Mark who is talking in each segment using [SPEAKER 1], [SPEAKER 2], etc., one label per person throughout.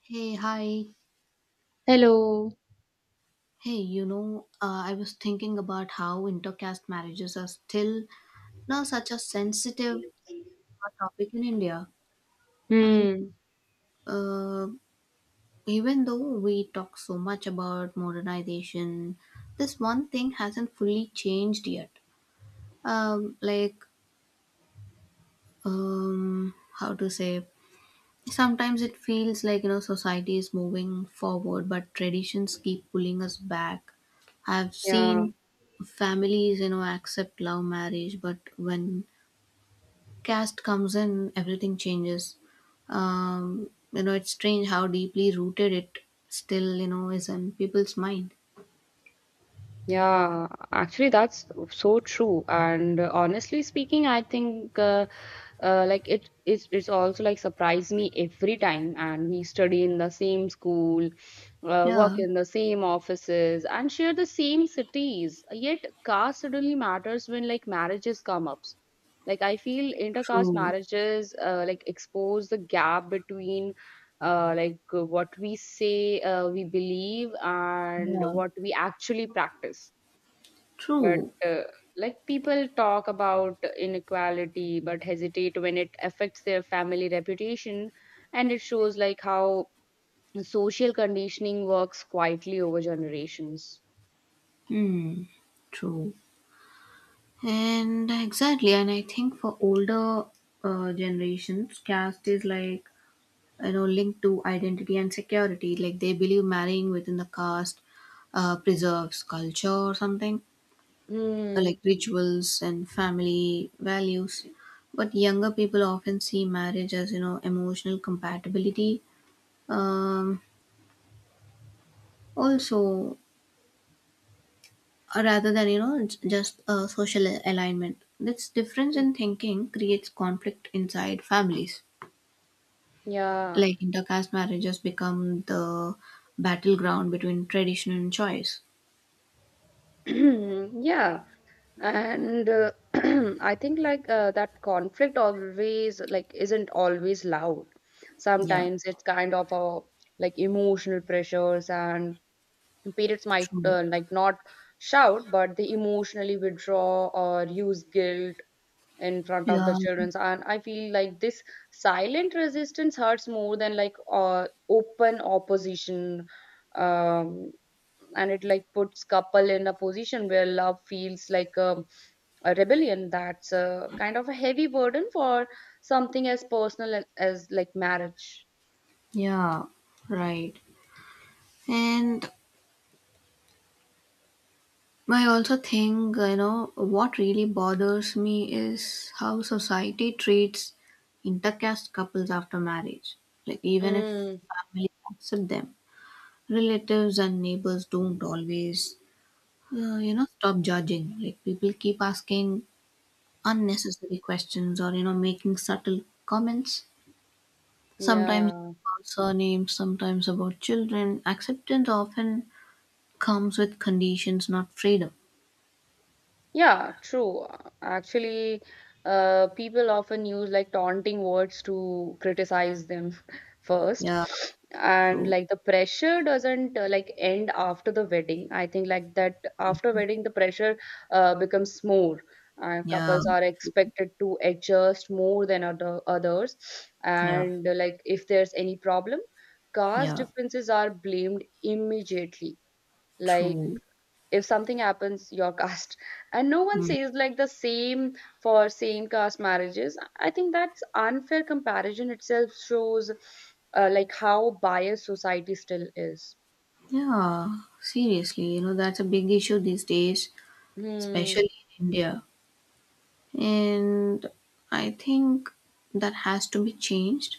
[SPEAKER 1] Hey, hi.
[SPEAKER 2] Hello.
[SPEAKER 1] Hey, I was thinking about how intercaste marriages are still now such a sensitive topic in India. I mean,
[SPEAKER 2] Hmm.
[SPEAKER 1] uh, Even though we talk so much about modernization, this one thing hasn't fully changed yet. Um, like, um, how to say, Sometimes it feels like society is moving forward, but traditions keep pulling us back. I've
[SPEAKER 2] Yeah.
[SPEAKER 1] seen families accept love marriage, but when caste comes in, everything changes. It's strange how deeply rooted it still is in people's mind.
[SPEAKER 2] Yeah. Actually, that's so true. And honestly speaking, I think it's also like surprise me every time. And we study in the same school, work
[SPEAKER 1] Yeah,
[SPEAKER 2] in the same offices, and share the same cities. Yet, caste suddenly matters when like marriages come up. Like I feel intercaste
[SPEAKER 1] true.
[SPEAKER 2] marriages like expose the gap between what we say we believe and
[SPEAKER 1] Yeah,
[SPEAKER 2] what we actually practice. But
[SPEAKER 1] true.
[SPEAKER 2] uh, like people talk about inequality but hesitate when it affects their family reputation, and it shows like how social conditioning works quietly over generations.
[SPEAKER 1] Hmm, true. And exactly, and I think for older generations, caste is like linked to identity and security. Like, they believe marrying within the caste preserves culture or something, like
[SPEAKER 2] Hmm.
[SPEAKER 1] rituals and family values. But younger people often see marriage as emotional compatibility, um, also, rather than just social alignment. This difference in thinking creates conflict inside families.
[SPEAKER 2] Yeah.
[SPEAKER 1] Like, intercaste marriages become the battleground between tradition and choice.
[SPEAKER 2] Yeah. And I think like that conflict always like isn't always loud.
[SPEAKER 1] Yeah,
[SPEAKER 2] Sometimes it's kind of a like emotional pressures, and parents might
[SPEAKER 1] truly.
[SPEAKER 2] like not shout, but they emotionally withdraw or use guilt in front of the
[SPEAKER 1] Yeah,
[SPEAKER 2] children. And I feel like this silent resistance hurts more than like open opposition. um and it like puts couple in a position where love feels like a rebellion. That's a kind of a heavy burden for something as personal as like marriage.
[SPEAKER 1] yeah, right. And I also think, what really bothers me is how society treats intercaste couples after marriage. Like, even if
[SPEAKER 2] Mm,
[SPEAKER 1] family accept them, relatives and neighbors don't always, stop judging. Like, people keep asking unnecessary questions or making subtle comments, sometimes
[SPEAKER 2] yeah.
[SPEAKER 1] about surnames, sometimes about children. Acceptance often comes with conditions, not freedom.
[SPEAKER 2] Yeah, true. Actually, people often use like taunting words to criticize them first.
[SPEAKER 1] Yeah,
[SPEAKER 2] And
[SPEAKER 1] true.
[SPEAKER 2] like the pressure doesn't like end after the wedding. I think like that after wedding, the pressure becomes more. And
[SPEAKER 1] Yeah,
[SPEAKER 2] couples are expected to adjust more than others.
[SPEAKER 1] yeah,
[SPEAKER 2] And like if there's any problem, caste
[SPEAKER 1] yeah,
[SPEAKER 2] differences are blamed immediately. Like
[SPEAKER 1] true.
[SPEAKER 2] if something happens your caste, and no one
[SPEAKER 1] Mm.
[SPEAKER 2] says like the same for same caste marriages. I think that's unfair comparison itself shows like how biased society still is.
[SPEAKER 1] Yeah, seriously, that's a big issue these days,
[SPEAKER 2] Hmm.
[SPEAKER 1] especially in India. And I think that has to be changed.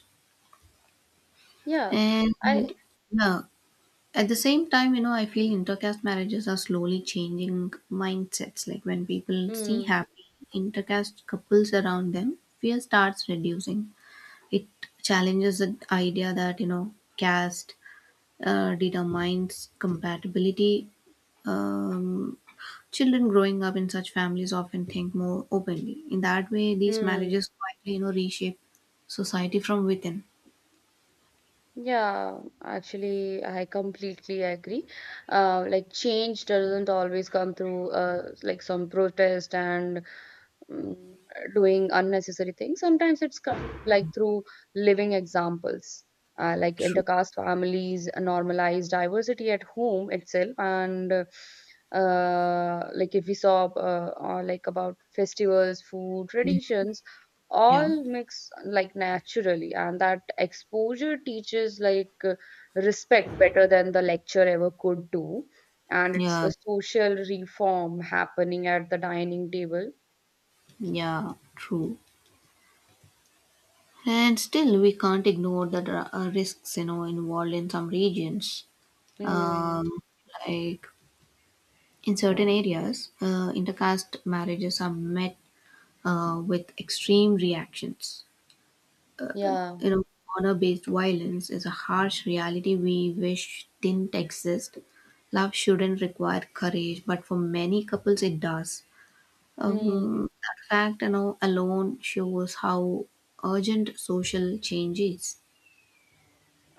[SPEAKER 2] yeah i
[SPEAKER 1] And yeah. At the same time, I feel intercaste marriages are slowly changing mindsets. Like, when people see
[SPEAKER 2] hmm
[SPEAKER 1] happy intercaste couples around them, fear starts reducing. It challenges the idea that, caste determines compatibility. Um, Children growing up in such families often think more openly. In that way, these
[SPEAKER 2] hmm
[SPEAKER 1] marriages quietly, reshape society from within.
[SPEAKER 2] yeah Actually, I completely agree. Like change doesn't always come through like some protest and mm, doing unnecessary things. Sometimes it's come like through living examples, like
[SPEAKER 1] True.
[SPEAKER 2] intercaste families normalize diversity at home itself. And like if we saw like about festivals, food, traditions,
[SPEAKER 1] Yeah.
[SPEAKER 2] all mix like naturally. And that exposure teaches like respect better than the lecture ever could do. And it's
[SPEAKER 1] Yeah.
[SPEAKER 2] a social reform happening at the dining table.
[SPEAKER 1] Yeah. True. And still, we can't ignore the risks, involved in some regions.
[SPEAKER 2] Hmm.
[SPEAKER 1] Um, like in certain areas, intercaste marriages are met with extreme reactions.
[SPEAKER 2] Yeah.
[SPEAKER 1] You know, Honor-based violence is a harsh reality we wish didn't exist. Love shouldn't require courage, but for many couples, it does.
[SPEAKER 2] Hmm.
[SPEAKER 1] That fact, alone shows how urgent social change is.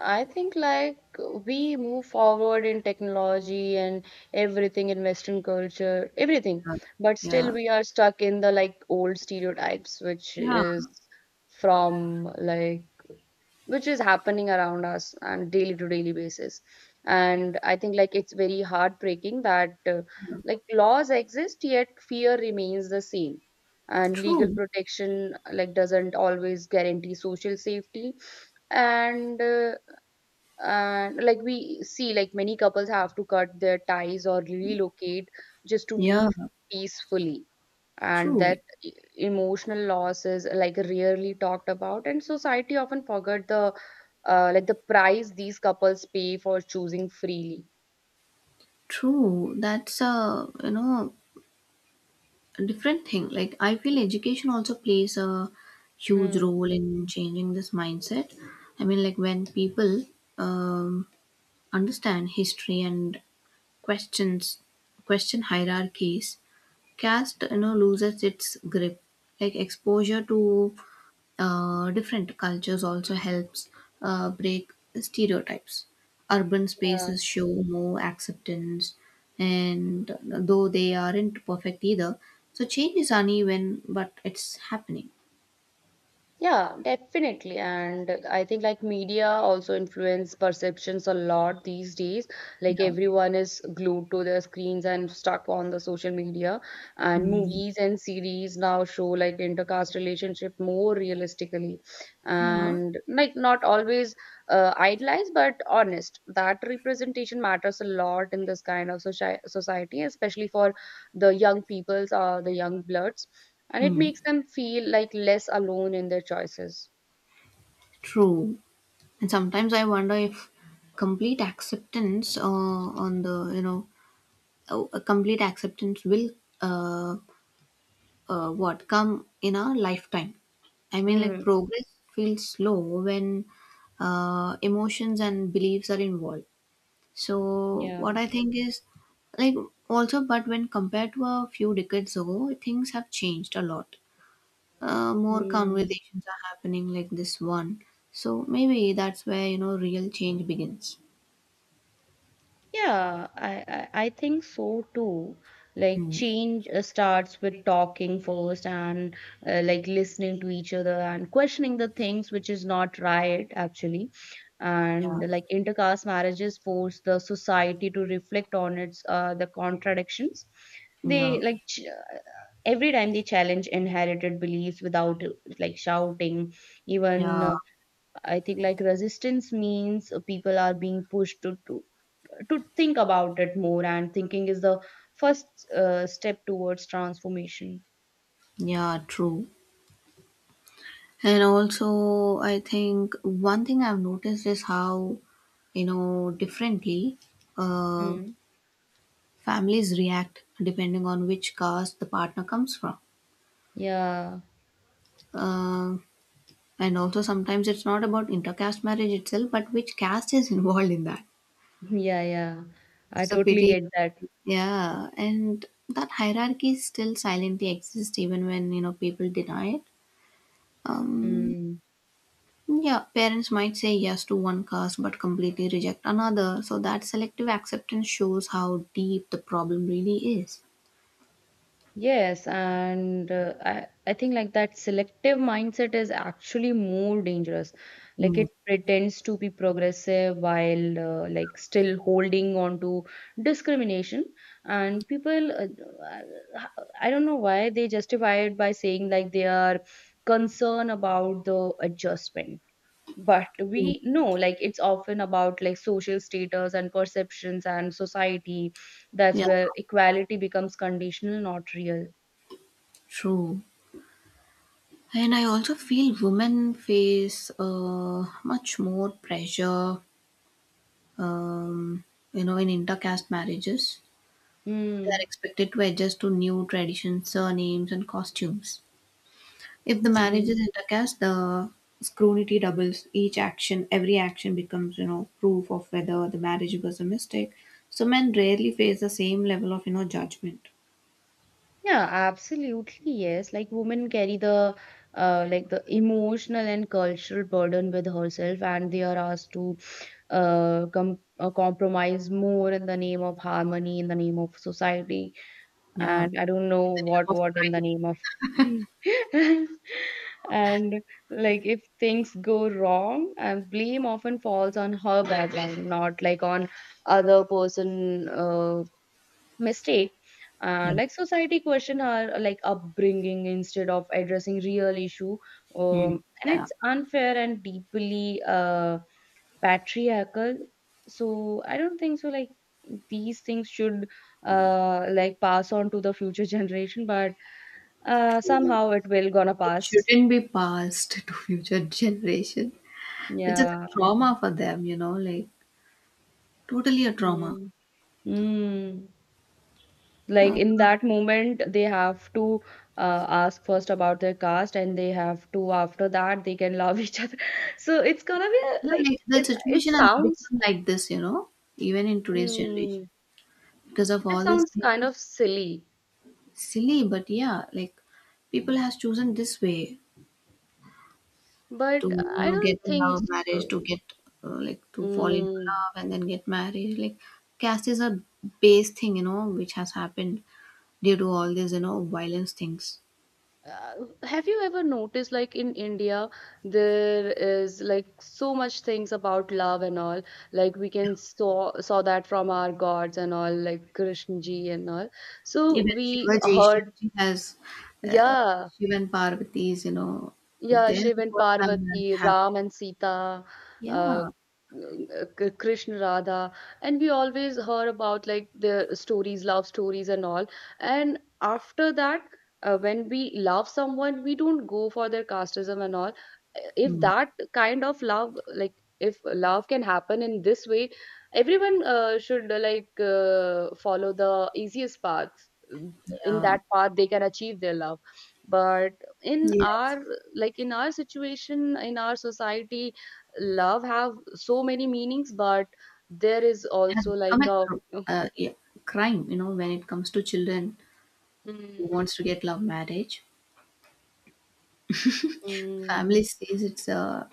[SPEAKER 2] I think like we move forward in technology and everything in Western culture, everything,
[SPEAKER 1] Yeah.
[SPEAKER 2] but still
[SPEAKER 1] Yeah,
[SPEAKER 2] we are stuck in the like old stereotypes, which
[SPEAKER 1] yeah,
[SPEAKER 2] is from like which is happening around us on daily to daily basis. And I think like it's very heartbreaking that
[SPEAKER 1] yeah.
[SPEAKER 2] like laws exist yet fear remains the same, and legal
[SPEAKER 1] True.
[SPEAKER 2] protection like doesn't always guarantee social safety. And uh, and like we see like many couples have to cut their ties or relocate just to
[SPEAKER 1] Yeah,
[SPEAKER 2] live peacefully. And that
[SPEAKER 1] true.
[SPEAKER 2] emotional loss is like rarely talked about, and society often forget the like the price these couples pay for choosing freely.
[SPEAKER 1] True. That's a, a different thing. Like, I feel education also plays a huge
[SPEAKER 2] Hmm.
[SPEAKER 1] role in changing this mindset. I mean, like, when people um, understand history and questions question hierarchies, caste, loses its grip. Like, exposure to different cultures also helps break stereotypes. Urban spaces show more acceptance, and though they aren't perfect either, so change is uneven, but it's happening.
[SPEAKER 2] Yeah, definitely. And I think like media also influence perceptions a lot these days. Like
[SPEAKER 1] Yeah.
[SPEAKER 2] everyone is glued to their screens and stuck on the social media. And
[SPEAKER 1] Mm.
[SPEAKER 2] movies and series now show like intercaste relationship more realistically.
[SPEAKER 1] Yeah.
[SPEAKER 2] And like not always idealized, but honest. That representation matters a lot in this kind of society, especially for the young peoples or the young bloods. And it
[SPEAKER 1] Hmm.
[SPEAKER 2] makes them feel like less alone in their choices.
[SPEAKER 1] True. And sometimes I wonder if complete acceptance on the you know complete acceptance will uh, what come in a lifetime. I mean, like,
[SPEAKER 2] Mm,
[SPEAKER 1] progress feels slow when emotions and beliefs are involved. So
[SPEAKER 2] yeah.
[SPEAKER 1] what I think is like, also, but when compared to a few decades ago, things have changed a lot. More
[SPEAKER 2] Mm.
[SPEAKER 1] conversations are happening like this one. So maybe that's where real change begins.
[SPEAKER 2] Yeah, I think so too. Like
[SPEAKER 1] Mm,
[SPEAKER 2] change starts with talking first and like listening to each other and questioning the things which is not right actually.
[SPEAKER 1] yeah,
[SPEAKER 2] And like intercaste marriages force the society to reflect on its the contradictions.
[SPEAKER 1] yeah,
[SPEAKER 2] They like ch Every time they challenge inherited beliefs without like shouting. Even
[SPEAKER 1] yeah,
[SPEAKER 2] I think like resistance means people are being pushed to think about it more, and thinking is the first step towards transformation.
[SPEAKER 1] yeah. True. And also, I think one thing I've noticed is how, differently uh,
[SPEAKER 2] Mm.
[SPEAKER 1] families react depending on which caste the partner comes from.
[SPEAKER 2] Yeah,
[SPEAKER 1] Uh, and also, sometimes it's not about intercaste marriage itself, but which caste is involved in that.
[SPEAKER 2] yeah, yeah. I
[SPEAKER 1] It's a
[SPEAKER 2] totally
[SPEAKER 1] pity.
[SPEAKER 2] get that.
[SPEAKER 1] Yeah. And that hierarchy still silently exists even when, people deny it. Um,
[SPEAKER 2] Mm.
[SPEAKER 1] Yeah, parents might say yes to one cause but completely reject another, so that selective acceptance shows how deep the problem really is.
[SPEAKER 2] Yes, and I think like that selective mindset is actually more dangerous. Like
[SPEAKER 1] Mm.
[SPEAKER 2] it pretends to be progressive while like still holding on to discrimination. And people, uh, I I don't know why they justify it by saying like they are concerned about the adjustment. But
[SPEAKER 1] True.
[SPEAKER 2] we know like it's often about like social status and perceptions and society. That's
[SPEAKER 1] Yeah,
[SPEAKER 2] where equality becomes conditional, not real.
[SPEAKER 1] true. And I also feel women face much more pressure, um, in intercaste marriages. They are
[SPEAKER 2] Mm,
[SPEAKER 1] expected to adjust to new traditions, surnames, and costumes. If the marriage
[SPEAKER 2] mm.
[SPEAKER 1] is intercaste, the scrutiny doubles. Each action, every action becomes, proof of whether the marriage was a mistake. So men rarely face the same level of, judgment.
[SPEAKER 2] Yeah, absolutely, yes. Like women carry the like the emotional and cultural burden with herself, and they are asked to compromise more in the name of harmony, in the name of society,
[SPEAKER 1] Yeah.
[SPEAKER 2] and I don't know what in the name of. And like if things go wrong, and blame often falls on her background, not like on other person mistake.
[SPEAKER 1] Yeah.
[SPEAKER 2] Like society question our like upbringing instead of addressing real issue.
[SPEAKER 1] Mm.
[SPEAKER 2] And
[SPEAKER 1] Yeah.
[SPEAKER 2] it's unfair and deeply patriarchal. So I don't think so like these things should like pass on to the future generation, but somehow it will gonna
[SPEAKER 1] It
[SPEAKER 2] pass.
[SPEAKER 1] shouldn't be passed to future generation, which is
[SPEAKER 2] Yeah.
[SPEAKER 1] a trauma for them, like totally a trauma.
[SPEAKER 2] Mm. Mm. Like
[SPEAKER 1] Uh,
[SPEAKER 2] in that moment they have to ask first about their caste, and they have to after that they can love each other. So it's gonna be a, like
[SPEAKER 1] like, the
[SPEAKER 2] it
[SPEAKER 1] situation has
[SPEAKER 2] sounds
[SPEAKER 1] become like this, even in today's generation
[SPEAKER 2] mm,
[SPEAKER 1] because of
[SPEAKER 2] that
[SPEAKER 1] all these
[SPEAKER 2] sounds kind
[SPEAKER 1] things.
[SPEAKER 2] of silly,
[SPEAKER 1] Silly, but yeah, like, people has chosen this way
[SPEAKER 2] but
[SPEAKER 1] to
[SPEAKER 2] I
[SPEAKER 1] get
[SPEAKER 2] don't
[SPEAKER 1] a
[SPEAKER 2] think
[SPEAKER 1] love
[SPEAKER 2] so.
[SPEAKER 1] marriage, to get like to fall into
[SPEAKER 2] Mm.
[SPEAKER 1] love and then get married. Like, caste is a base thing, which has happened due to all these violence things.
[SPEAKER 2] Uh, have you ever noticed like in India there is like so much things about love and all? Like we can saw that from our gods and all, like Krishna ji and all. So
[SPEAKER 1] Even
[SPEAKER 2] we
[SPEAKER 1] shivaji
[SPEAKER 2] heard.
[SPEAKER 1] shivaji has uh,
[SPEAKER 2] Yeah.
[SPEAKER 1] Shiv and Parvati's,
[SPEAKER 2] Yeah,
[SPEAKER 1] their
[SPEAKER 2] Shiv and
[SPEAKER 1] first love marriage
[SPEAKER 2] Parvati, Ram
[SPEAKER 1] happened.
[SPEAKER 2] and Sita, uh, uh,
[SPEAKER 1] Yeah.
[SPEAKER 2] Krishna, Radha, and we always heard about like the stories, love stories, and all. And after that, when we love someone, we don't go for their casteism and all. If
[SPEAKER 1] Hmm.
[SPEAKER 2] that kind of love, like if love can happen in this way, everyone should follow the easiest path. In
[SPEAKER 1] Yeah.
[SPEAKER 2] that path, they can achieve their love. But in
[SPEAKER 1] Yes, it
[SPEAKER 2] our like in our situation in our society, love have so many meanings, but there is
[SPEAKER 1] has
[SPEAKER 2] also
[SPEAKER 1] become
[SPEAKER 2] like
[SPEAKER 1] a
[SPEAKER 2] a
[SPEAKER 1] yeah, crime, when it comes to children who
[SPEAKER 2] mm,
[SPEAKER 1] wants to get love marriage.
[SPEAKER 2] mm,
[SPEAKER 1] Family says it's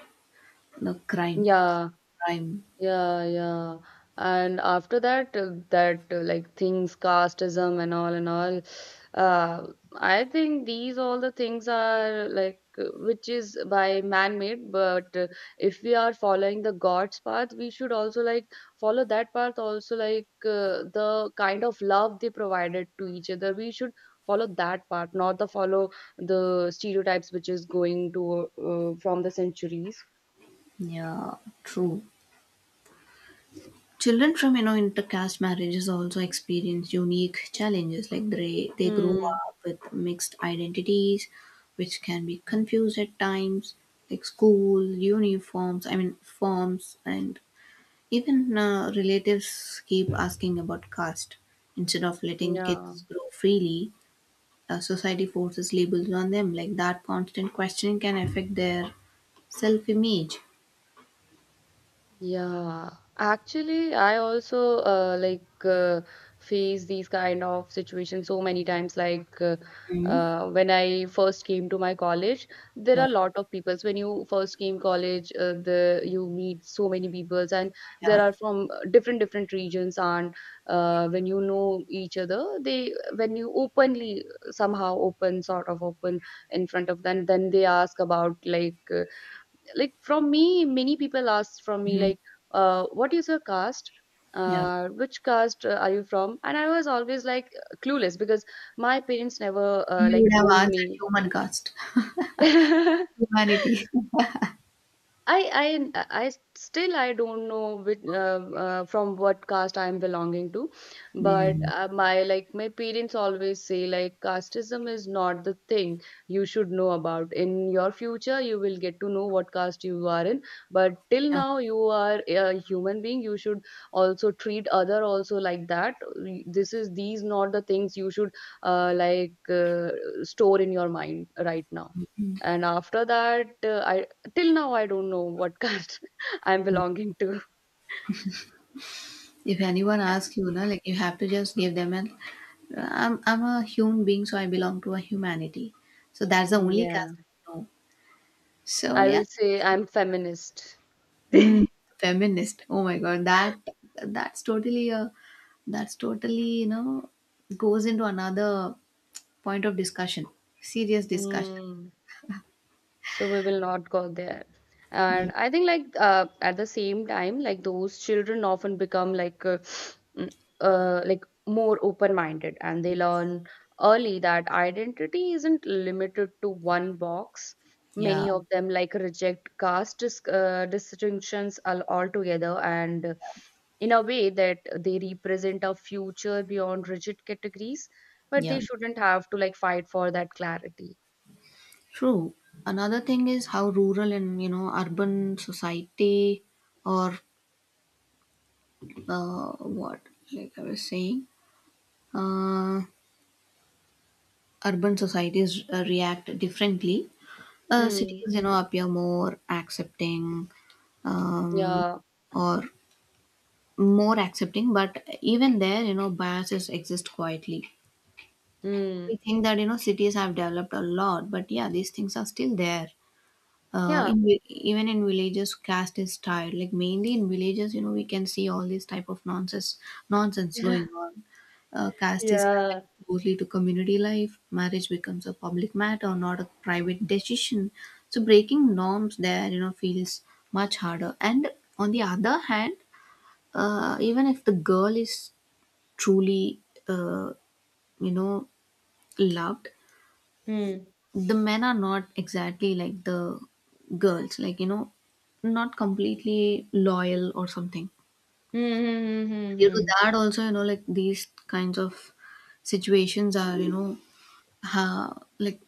[SPEAKER 1] a crime.
[SPEAKER 2] yeah.
[SPEAKER 1] Crime.
[SPEAKER 2] Yeah, yeah. And after that, that like things, casteism and all, uh, I think these all the things are like which is by man-made. But if we are following the God's path, we should also like follow that path. Also, like the kind of love they provided to each other, we should follow that part, not the follow the stereotypes which is going to from the centuries.
[SPEAKER 1] Yeah, true. Children from intercaste marriages also experience unique challenges. Like, they grow
[SPEAKER 2] Hmm.
[SPEAKER 1] up with mixed identities, which can be confused at times. Like, school uniforms, I mean forms, and even relatives keep asking about caste instead of letting
[SPEAKER 2] Yeah.
[SPEAKER 1] kids grow freely. Society forces labels on them. Like, that constant questioning can affect their self-image.
[SPEAKER 2] Yeah, actually, I also face these kind of situations so many times.
[SPEAKER 1] Mm-hmm.
[SPEAKER 2] When I first came to my college, there are
[SPEAKER 1] No.
[SPEAKER 2] a lot of peoples. When you first came college, the you meet so many peoples, and
[SPEAKER 1] Yeah.
[SPEAKER 2] there are from different different regions. And when you know each other, they when you openly somehow open sort of open in front of them, then they ask about like. Like from me many people ask from me
[SPEAKER 1] Mhm.
[SPEAKER 2] like what is your caste,
[SPEAKER 1] Yeah,
[SPEAKER 2] which caste are you from? And I was always like clueless because my parents never
[SPEAKER 1] you
[SPEAKER 2] like
[SPEAKER 1] would have
[SPEAKER 2] told me.
[SPEAKER 1] answered human caste, humanity.
[SPEAKER 2] I still I don't know which from what caste I am belonging to, but
[SPEAKER 1] Mm.
[SPEAKER 2] my like my parents always say like casteism is not the thing you should know about. In your future, you will get to know what caste you are in, but till
[SPEAKER 1] Yeah.
[SPEAKER 2] now you are a human being. You should also treat other also like that. This is these not the things you should uh, like uh, store in your mind right now. And after that I Till now, I don't know what caste I'm belonging to.
[SPEAKER 1] If anyone asks, like, you have to just give them an, I'm a human being, so I belong to a humanity, so that's the only
[SPEAKER 2] Yeah,
[SPEAKER 1] caste I know. So
[SPEAKER 2] I
[SPEAKER 1] yeah.
[SPEAKER 2] will say I'm feminist.
[SPEAKER 1] Mm, feminist, oh my god, that, that's totally a, that's totally, goes into another point of discussion, serious discussion.
[SPEAKER 2] Mm. So we will not go there.
[SPEAKER 1] Yeah.
[SPEAKER 2] And I think like at the same time like those children often become like mm, like more open minded, and they learn early that identity isn't limited to one box.
[SPEAKER 1] Yeah,
[SPEAKER 2] Many of them like reject caste distinctions altogether, and in a way that they represent a future beyond rigid categories. But they
[SPEAKER 1] yeah,
[SPEAKER 2] shouldn't have to like fight for that clarity.
[SPEAKER 1] true. Another thing is how rural and urban society, or what like I was saying, uh, urban societies react differently.
[SPEAKER 2] Hmm.
[SPEAKER 1] Cities, appear more accepting, um,
[SPEAKER 2] Yeah.
[SPEAKER 1] or more accepting, but even there, biases exist quietly. We
[SPEAKER 2] 嗯，
[SPEAKER 1] think that cities have developed a lot, but yeah, these things are still there.
[SPEAKER 2] 呀
[SPEAKER 1] Even in villages, caste is tied, like, mainly in villages, we can see all these type of nonsense going on. Caste is tied
[SPEAKER 2] 呀，
[SPEAKER 1] closely to community life. Marriage becomes a public matter, not a private decision. So breaking norms there, feels much harder. And on the other hand, even if the girl is truly, uh, you know loved,
[SPEAKER 2] 嗯
[SPEAKER 1] the men are not exactly like the girls, like, not completely loyal or something.
[SPEAKER 2] 嗯嗯嗯
[SPEAKER 1] Due to
[SPEAKER 2] 嗯
[SPEAKER 1] that also, like, these kinds of situations are, ha- like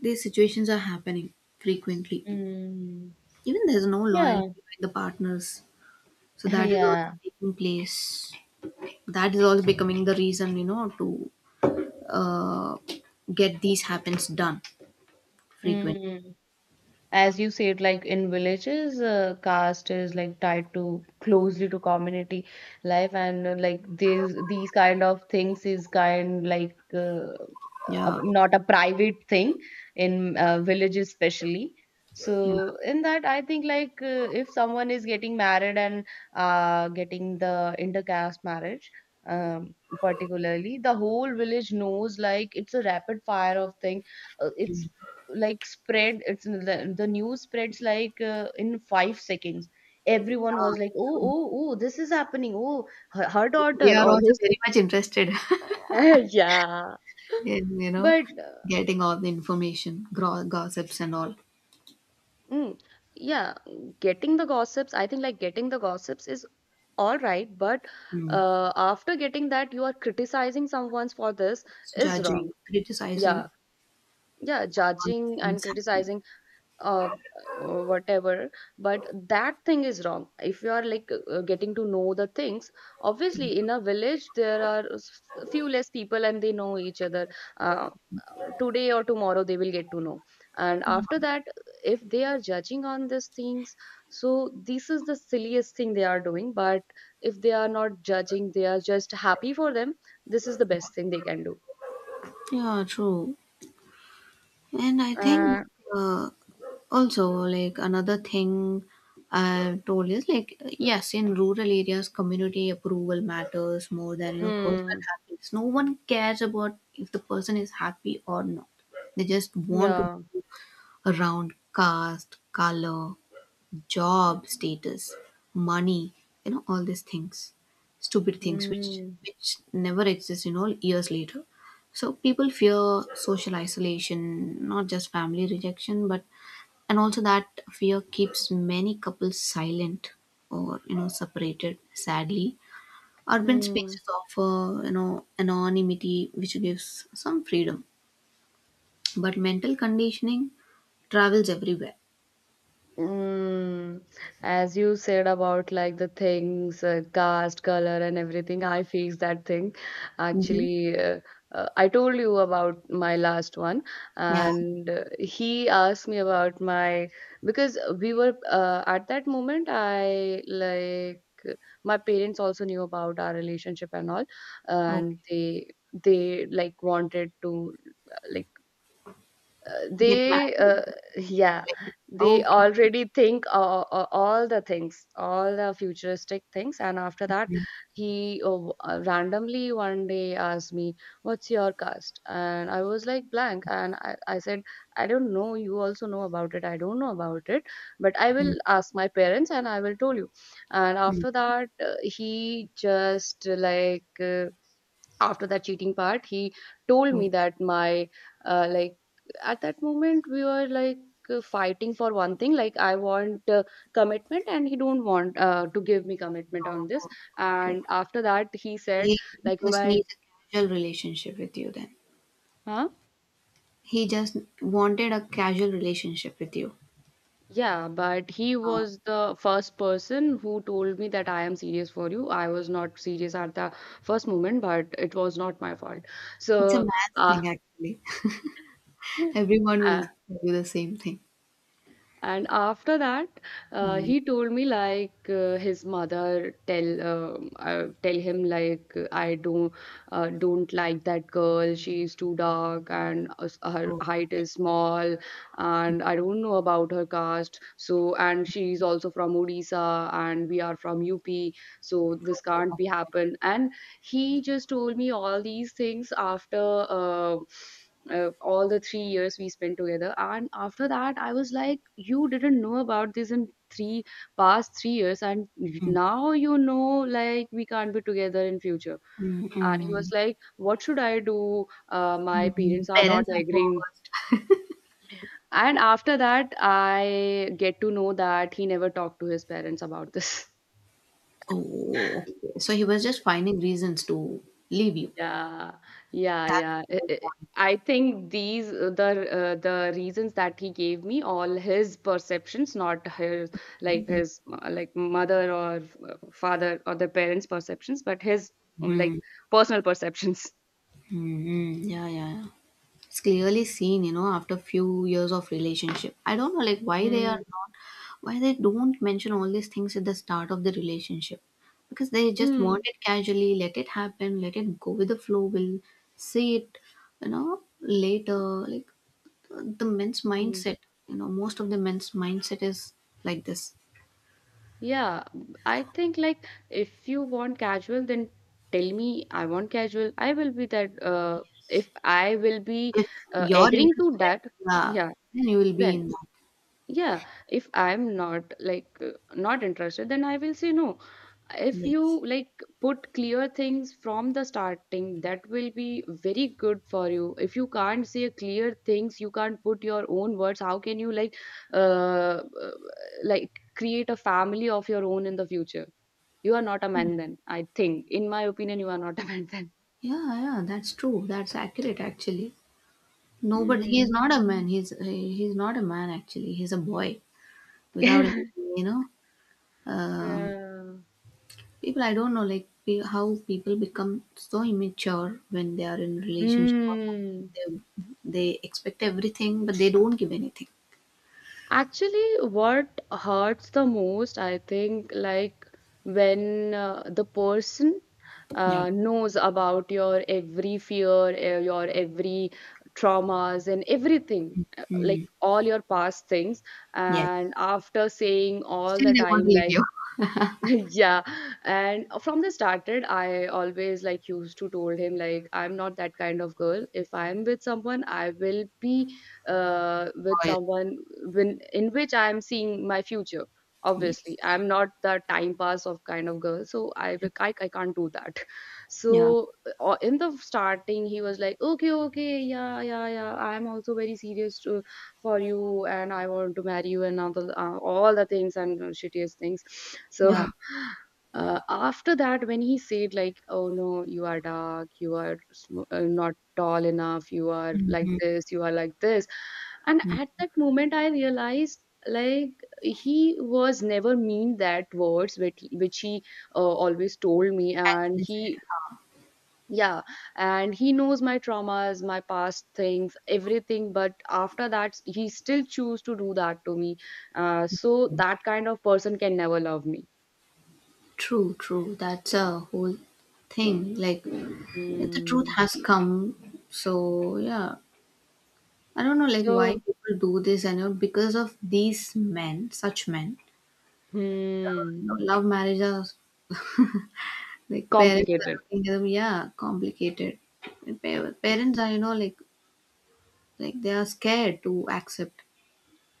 [SPEAKER 1] these situations are happening frequently.
[SPEAKER 2] 嗯，
[SPEAKER 1] Even there's no
[SPEAKER 2] 呀
[SPEAKER 1] loyalty between the partners, so that is also
[SPEAKER 2] 呀，
[SPEAKER 1] taking place. That is also becoming the reason, to uh, get these happens done frequently.
[SPEAKER 2] 嗯。As you said, like, in villages, caste is like tied to closely to community life, and like, these kind of things is kind like
[SPEAKER 1] Yeah.
[SPEAKER 2] not a private thing in villages especially.
[SPEAKER 1] Yeah,
[SPEAKER 2] So in that, I think, like, if someone is getting married and getting the intercaste marriage, um, particularly the whole village knows, like, it's a rapid fire of thing. It's like spread, it's the news spreads like in 5 seconds. Everyone was like, oh
[SPEAKER 1] yeah.
[SPEAKER 2] oh oh, this is happening, oh her
[SPEAKER 1] We
[SPEAKER 2] daughter
[SPEAKER 1] are
[SPEAKER 2] or
[SPEAKER 1] also
[SPEAKER 2] his.
[SPEAKER 1] very much interested
[SPEAKER 2] Yeah,
[SPEAKER 1] in,
[SPEAKER 2] but
[SPEAKER 1] getting all the information, gossips and all.
[SPEAKER 2] mm, yeah, getting the gossips, I think, like, getting the gossips is all right, but
[SPEAKER 1] Mm.
[SPEAKER 2] after getting that, you are criticizing someone's for this is wrong.
[SPEAKER 1] Judging, criticizing,
[SPEAKER 2] Yeah, yeah,
[SPEAKER 1] all these
[SPEAKER 2] judging and
[SPEAKER 1] things happen.
[SPEAKER 2] criticizing. uh, Whatever, but that thing is wrong. If you are like getting to know the things, obviously in a village there are few less people and they know each other. uh, Today or tomorrow they will get to know, and after that if they are judging on these things, so this is the silliest thing they are doing. But if they are not judging, they are just happy for them, this is the best thing they can do.
[SPEAKER 1] Yeah, true. And I think
[SPEAKER 2] uh,
[SPEAKER 1] uh, also, like, another thing I told is like, yes, in rural areas, community approval matters more than personal
[SPEAKER 2] mm,
[SPEAKER 1] happiness. No one cares about if the person is happy or not. They just want
[SPEAKER 2] yeah.
[SPEAKER 1] to around caste, color, job status, money, all these things, stupid things which
[SPEAKER 2] Hmm.
[SPEAKER 1] which never exist, years later. So people fear social isolation, not just family rejection, but, and also that fear keeps many couples silent or separated. Sadly, urban
[SPEAKER 2] Hmm.
[SPEAKER 1] spaces offer anonymity, which gives some freedom, but mental conditioning travels everywhere.
[SPEAKER 2] Mm, as you said about, like, the things, caste, color, and everything, I face that thing.
[SPEAKER 1] Hmm.
[SPEAKER 2] Actually, I told you about my last one,
[SPEAKER 1] Yeah.
[SPEAKER 2] and he asked me about my, because we were at that moment. I, like, my parents also knew about our relationship and all, and
[SPEAKER 1] Okay.
[SPEAKER 2] they like wanted to, like,
[SPEAKER 1] Get
[SPEAKER 2] they
[SPEAKER 1] married.
[SPEAKER 2] yeah,
[SPEAKER 1] Like,
[SPEAKER 2] they
[SPEAKER 1] okay.
[SPEAKER 2] already think all the things, all the futuristic things. And after that,
[SPEAKER 1] Mhm,
[SPEAKER 2] he randomly one day asked me, what's your caste? And I was like blank, and I said, I don't know, you also know about it, I don't know about it, but I
[SPEAKER 1] mhm,
[SPEAKER 2] will ask my parents and I will tell you. And
[SPEAKER 1] mhm.
[SPEAKER 2] after that, he just uh, after that cheating part, he told
[SPEAKER 1] Oh,
[SPEAKER 2] me that my, like, at that moment we were like fighting for one thing, like, I want, commitment, and he don't want to give me commitment on this.
[SPEAKER 1] sure. Okay.
[SPEAKER 2] And after that he said,
[SPEAKER 1] He
[SPEAKER 2] like,
[SPEAKER 1] just
[SPEAKER 2] my,
[SPEAKER 1] needs a casual relationship with you then.
[SPEAKER 2] huh,
[SPEAKER 1] He just wanted a casual relationship with you.
[SPEAKER 2] yeah, but he
[SPEAKER 1] Uh,
[SPEAKER 2] was the first person who told me that I am serious for you. I was not serious at the first moment, but it was not my fault,
[SPEAKER 1] it's a
[SPEAKER 2] so.
[SPEAKER 1] man's
[SPEAKER 2] uh,
[SPEAKER 1] thing actually. Everyone will tell you the same thing.
[SPEAKER 2] and after that,
[SPEAKER 1] Mm.
[SPEAKER 2] he told me, like, his mother, tell him, like, I don't like that girl, she's too dark and her
[SPEAKER 1] Oh,
[SPEAKER 2] height
[SPEAKER 1] okay.
[SPEAKER 2] is small and I don't know about her caste, so. And she's also from Odisha and we are from UP, so this
[SPEAKER 1] Oh,
[SPEAKER 2] can't be
[SPEAKER 1] okay.
[SPEAKER 2] happen. And he just told me all these things after all the 3 years we spent together. And after that I was like, you didn't know about this in three past 3 years, and
[SPEAKER 1] Mm.
[SPEAKER 2] now you know, like, we can't be together in future.
[SPEAKER 1] Mm,
[SPEAKER 2] And he was
[SPEAKER 1] mm,
[SPEAKER 2] like, what should I do? My
[SPEAKER 1] mm.
[SPEAKER 2] parents are not
[SPEAKER 1] Parents are
[SPEAKER 2] agreeing.
[SPEAKER 1] forced.
[SPEAKER 2] And after that I get to know that he never talked to his parents about this.
[SPEAKER 1] Oh, okay. So he was just finding reasons to leave you.
[SPEAKER 2] Yeah, yeah,
[SPEAKER 1] That's the
[SPEAKER 2] yeah.
[SPEAKER 1] whole point.
[SPEAKER 2] I think the reasons that he gave me, all his perceptions, not his, like, his, like, mother or father, or the parents' perceptions, but his, like,
[SPEAKER 1] Mm-hmm.
[SPEAKER 2] personal perceptions.
[SPEAKER 1] Mm-hmm. Yeah, yeah, yeah. It's clearly seen, after few years of relationship. I don't know, like, why they are
[SPEAKER 2] Mm.
[SPEAKER 1] not, why they don't mention all these things at the start of the relationship, because they just
[SPEAKER 2] Mm.
[SPEAKER 1] want it casually, let it happen, let it go with the flow, we'll see it, later. Like, the men's
[SPEAKER 2] Mm.
[SPEAKER 1] mindset, most of the men's mindset is like this.
[SPEAKER 2] Yeah, I think, like, if you want casual, then tell me, I want casual, I will be that.
[SPEAKER 1] Yes,
[SPEAKER 2] If I will be
[SPEAKER 1] if you're
[SPEAKER 2] agreeing to
[SPEAKER 1] interested,
[SPEAKER 2] that,
[SPEAKER 1] yeah,
[SPEAKER 2] yeah,
[SPEAKER 1] then you will be
[SPEAKER 2] then.
[SPEAKER 1] in that.
[SPEAKER 2] Yeah, if I'm not like not interested, then I will say no. If you,
[SPEAKER 1] Yes.
[SPEAKER 2] like, put clear things from the starting, that will be very good for you. If you can't say clear things, you can't put your own words, how can you, like, uh, uh, like create a family of your own in the future? You are not a man then, I think, in my opinion, you are not a man then.
[SPEAKER 1] Yeah, yeah, that's true, that's accurate actually. No, but he is not a
[SPEAKER 2] Mm.
[SPEAKER 1] man. He's not a man actually. He's a boy without any, you know. Um,
[SPEAKER 2] Yeah.
[SPEAKER 1] people, I don't know, like, how people become so immature when they are in relationship or
[SPEAKER 2] Hmm.
[SPEAKER 1] something. They expect everything, but they don't give anything.
[SPEAKER 2] Actually, what hurts the most, I think, like, when the person
[SPEAKER 1] Yeah.
[SPEAKER 2] knows about your every fear, your every traumas, and everything, like,
[SPEAKER 1] Mm.
[SPEAKER 2] all your past things.
[SPEAKER 1] Yes.
[SPEAKER 2] And after saying all
[SPEAKER 1] Still,
[SPEAKER 2] the
[SPEAKER 1] they want to
[SPEAKER 2] time,
[SPEAKER 1] leave
[SPEAKER 2] like,
[SPEAKER 1] you.
[SPEAKER 2] yeah. And from the started, I always, like, used to told him, like, I'm not that kind of girl. If I'm with someone, I will be with
[SPEAKER 1] Loyal.
[SPEAKER 2] someone when in which I'm seeing my future, obviously
[SPEAKER 1] Yes.
[SPEAKER 2] I'm not the time pass of kind of girl, so I can't do that.
[SPEAKER 1] Yeah.
[SPEAKER 2] So. In the starting he was like, okay okay, yeah yeah yeah, I'm also very serious for you and I want to marry you and all the things and shittiest things. So.
[SPEAKER 1] Yeah.
[SPEAKER 2] After that when he said, like, oh no, you are dark, you are not tall enough, you are like
[SPEAKER 1] Hmm.
[SPEAKER 2] this, you are like this. And at that moment I realized, like, he was never mean that words, which he, always told me. And
[SPEAKER 1] Actually,
[SPEAKER 2] he,
[SPEAKER 1] said.
[SPEAKER 2] yeah, and he knows my traumas, my past things, everything, but after that he still choose to do that to me, so that kind of person can never love me.
[SPEAKER 1] True, true. That's a whole thing. Like, the truth
[SPEAKER 2] Mm.
[SPEAKER 1] has come. So yeah, I don't know, like, why
[SPEAKER 2] So,
[SPEAKER 1] people do this. I know because of these men, such men,
[SPEAKER 2] hmm,
[SPEAKER 1] love marriages. Like, parents are
[SPEAKER 2] complicated.
[SPEAKER 1] looking at them. Yeah, complicated. And parents are, like, they are scared to accept.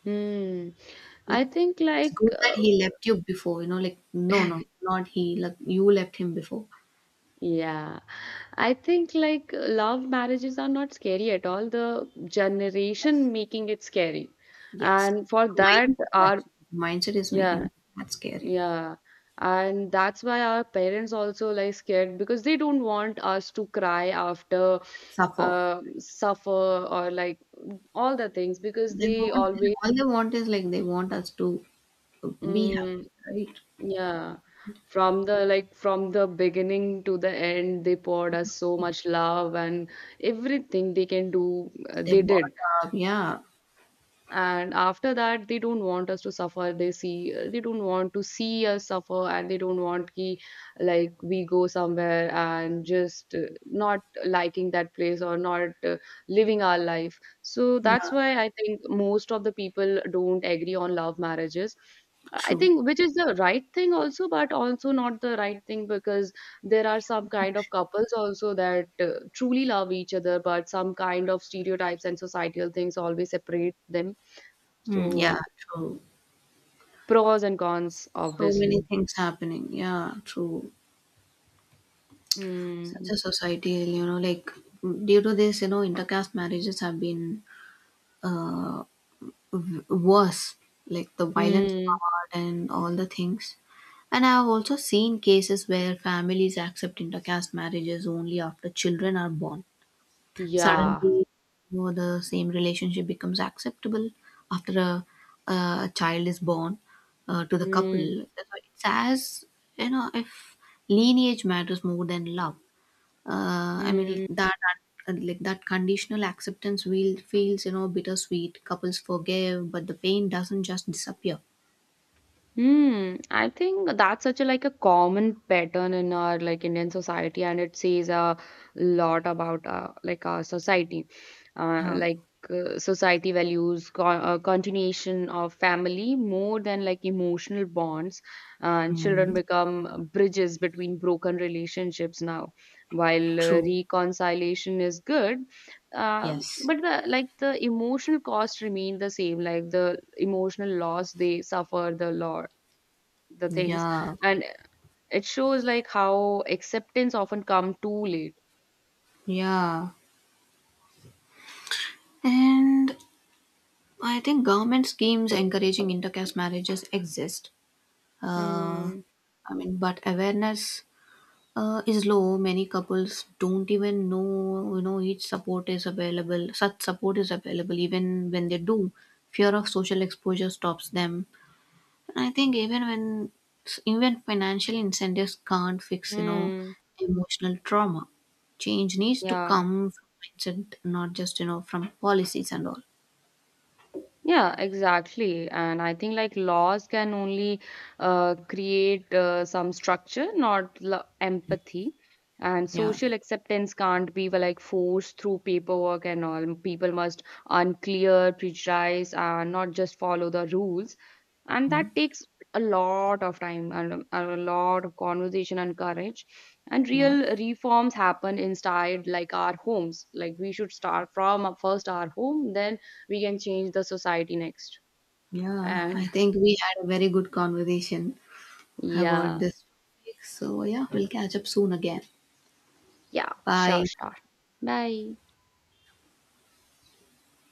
[SPEAKER 2] Hmm. I
[SPEAKER 1] It,
[SPEAKER 2] think,
[SPEAKER 1] it's
[SPEAKER 2] like,
[SPEAKER 1] good that he left you before. You know, like, no, no, not he. Like, you left him before.
[SPEAKER 2] yeah. I think, like, love marriages are not scary at all, the
[SPEAKER 1] Yes.
[SPEAKER 2] generation making it scary.
[SPEAKER 1] Yes.
[SPEAKER 2] And for
[SPEAKER 1] The
[SPEAKER 2] that
[SPEAKER 1] mindset
[SPEAKER 2] our,
[SPEAKER 1] actually, the mindset is
[SPEAKER 2] yeah,
[SPEAKER 1] making that scary.
[SPEAKER 2] yeah. And that's why our parents also, like, scared because they don't want us to cry after,
[SPEAKER 1] Suffer.
[SPEAKER 2] suffer, or like all the things, because
[SPEAKER 1] They
[SPEAKER 2] they
[SPEAKER 1] want,
[SPEAKER 2] always.
[SPEAKER 1] all they want is like, they want us to be happy,
[SPEAKER 2] Hmm,
[SPEAKER 1] right?
[SPEAKER 2] yeah, from the like from the beginning to the end, they poured us so much love and everything they can do,
[SPEAKER 1] They
[SPEAKER 2] they
[SPEAKER 1] bought
[SPEAKER 2] did.
[SPEAKER 1] up, yeah,
[SPEAKER 2] And after that they don't want us to suffer, they don't want to see us suffer, and they don't want like we go somewhere and just not liking that place or not living our life, so
[SPEAKER 1] yeah,
[SPEAKER 2] that's why I think most of the people don't agree on love marriages. I
[SPEAKER 1] true.
[SPEAKER 2] think, which is the right thing also, but also not the right thing, because there are some kind of couples also that truly love each other, but some kind of stereotypes and societal things always separate them,
[SPEAKER 1] Mm, yeah,
[SPEAKER 2] so
[SPEAKER 1] true.
[SPEAKER 2] pros and cons,
[SPEAKER 1] So many
[SPEAKER 2] obviously.
[SPEAKER 1] things happening. Yeah, true. Such
[SPEAKER 2] Mm,
[SPEAKER 1] a society, like, due to this, intercaste marriages have been uh worse, like the violent
[SPEAKER 2] mm,
[SPEAKER 1] part and all the things. And I have also seen cases where families accept intercaste marriages only after children are born.
[SPEAKER 2] yeah.
[SPEAKER 1] Suddenly, the same relationship becomes acceptable after a child is born to the couple.
[SPEAKER 2] Mm,
[SPEAKER 1] So, it's as if lineage matters more than love. I mean
[SPEAKER 2] mm.
[SPEAKER 1] that Like, that conditional acceptance will feels, bittersweet. Couples forgive, but the pain doesn't just disappear.
[SPEAKER 2] Hmm, I think that's such a, like, a common pattern in our, like, Indian society, and it says a lot about, like, our society, uh,
[SPEAKER 1] Yeah.
[SPEAKER 2] like society values co continuation of family more than, like, emotional bonds, and children
[SPEAKER 1] Mm,
[SPEAKER 2] become bridges between broken relationships now. While
[SPEAKER 1] true.
[SPEAKER 2] reconciliation is good, uh,
[SPEAKER 1] Yes.
[SPEAKER 2] but the like the emotional costs remain the same, like the emotional loss they suffer the lot, the things,
[SPEAKER 1] Yeah,
[SPEAKER 2] and it shows, like, how acceptance often come too late.
[SPEAKER 1] yeah, and I think government schemes encouraging intercaste marriages exist. Uh,
[SPEAKER 2] Hmm.
[SPEAKER 1] I mean, but awareness is low. Many couples don't even know, each support is available, such support is available. Even when they do, fear of social exposure stops them. And I think, even when, even financial incentives can't fix,
[SPEAKER 2] Hmm.
[SPEAKER 1] emotional trauma. Change needs to
[SPEAKER 2] Yeah.
[SPEAKER 1] come from mindset, not just, from policies and all.
[SPEAKER 2] Yeah, exactly. And I think, like, laws can only create some structure, not empathy. And
[SPEAKER 1] Yeah.
[SPEAKER 2] social acceptance can't be, well, like, forced through paperwork and all. People must unclear, prejudice, and not just follow the rules. And
[SPEAKER 1] Mm.
[SPEAKER 2] that takes a lot of time, and a lot of conversation and courage. And
[SPEAKER 1] Yeah,
[SPEAKER 2] real reforms happen inside, like, our homes. Like, we should start from first our home, then we can change the society next.
[SPEAKER 1] yeah, I
[SPEAKER 2] And
[SPEAKER 1] think we had a very good conversation about
[SPEAKER 2] yeah,
[SPEAKER 1] this topic, so yeah, we'll catch up soon again.
[SPEAKER 2] yeah, sure,
[SPEAKER 1] Bye.
[SPEAKER 2] sure, bye.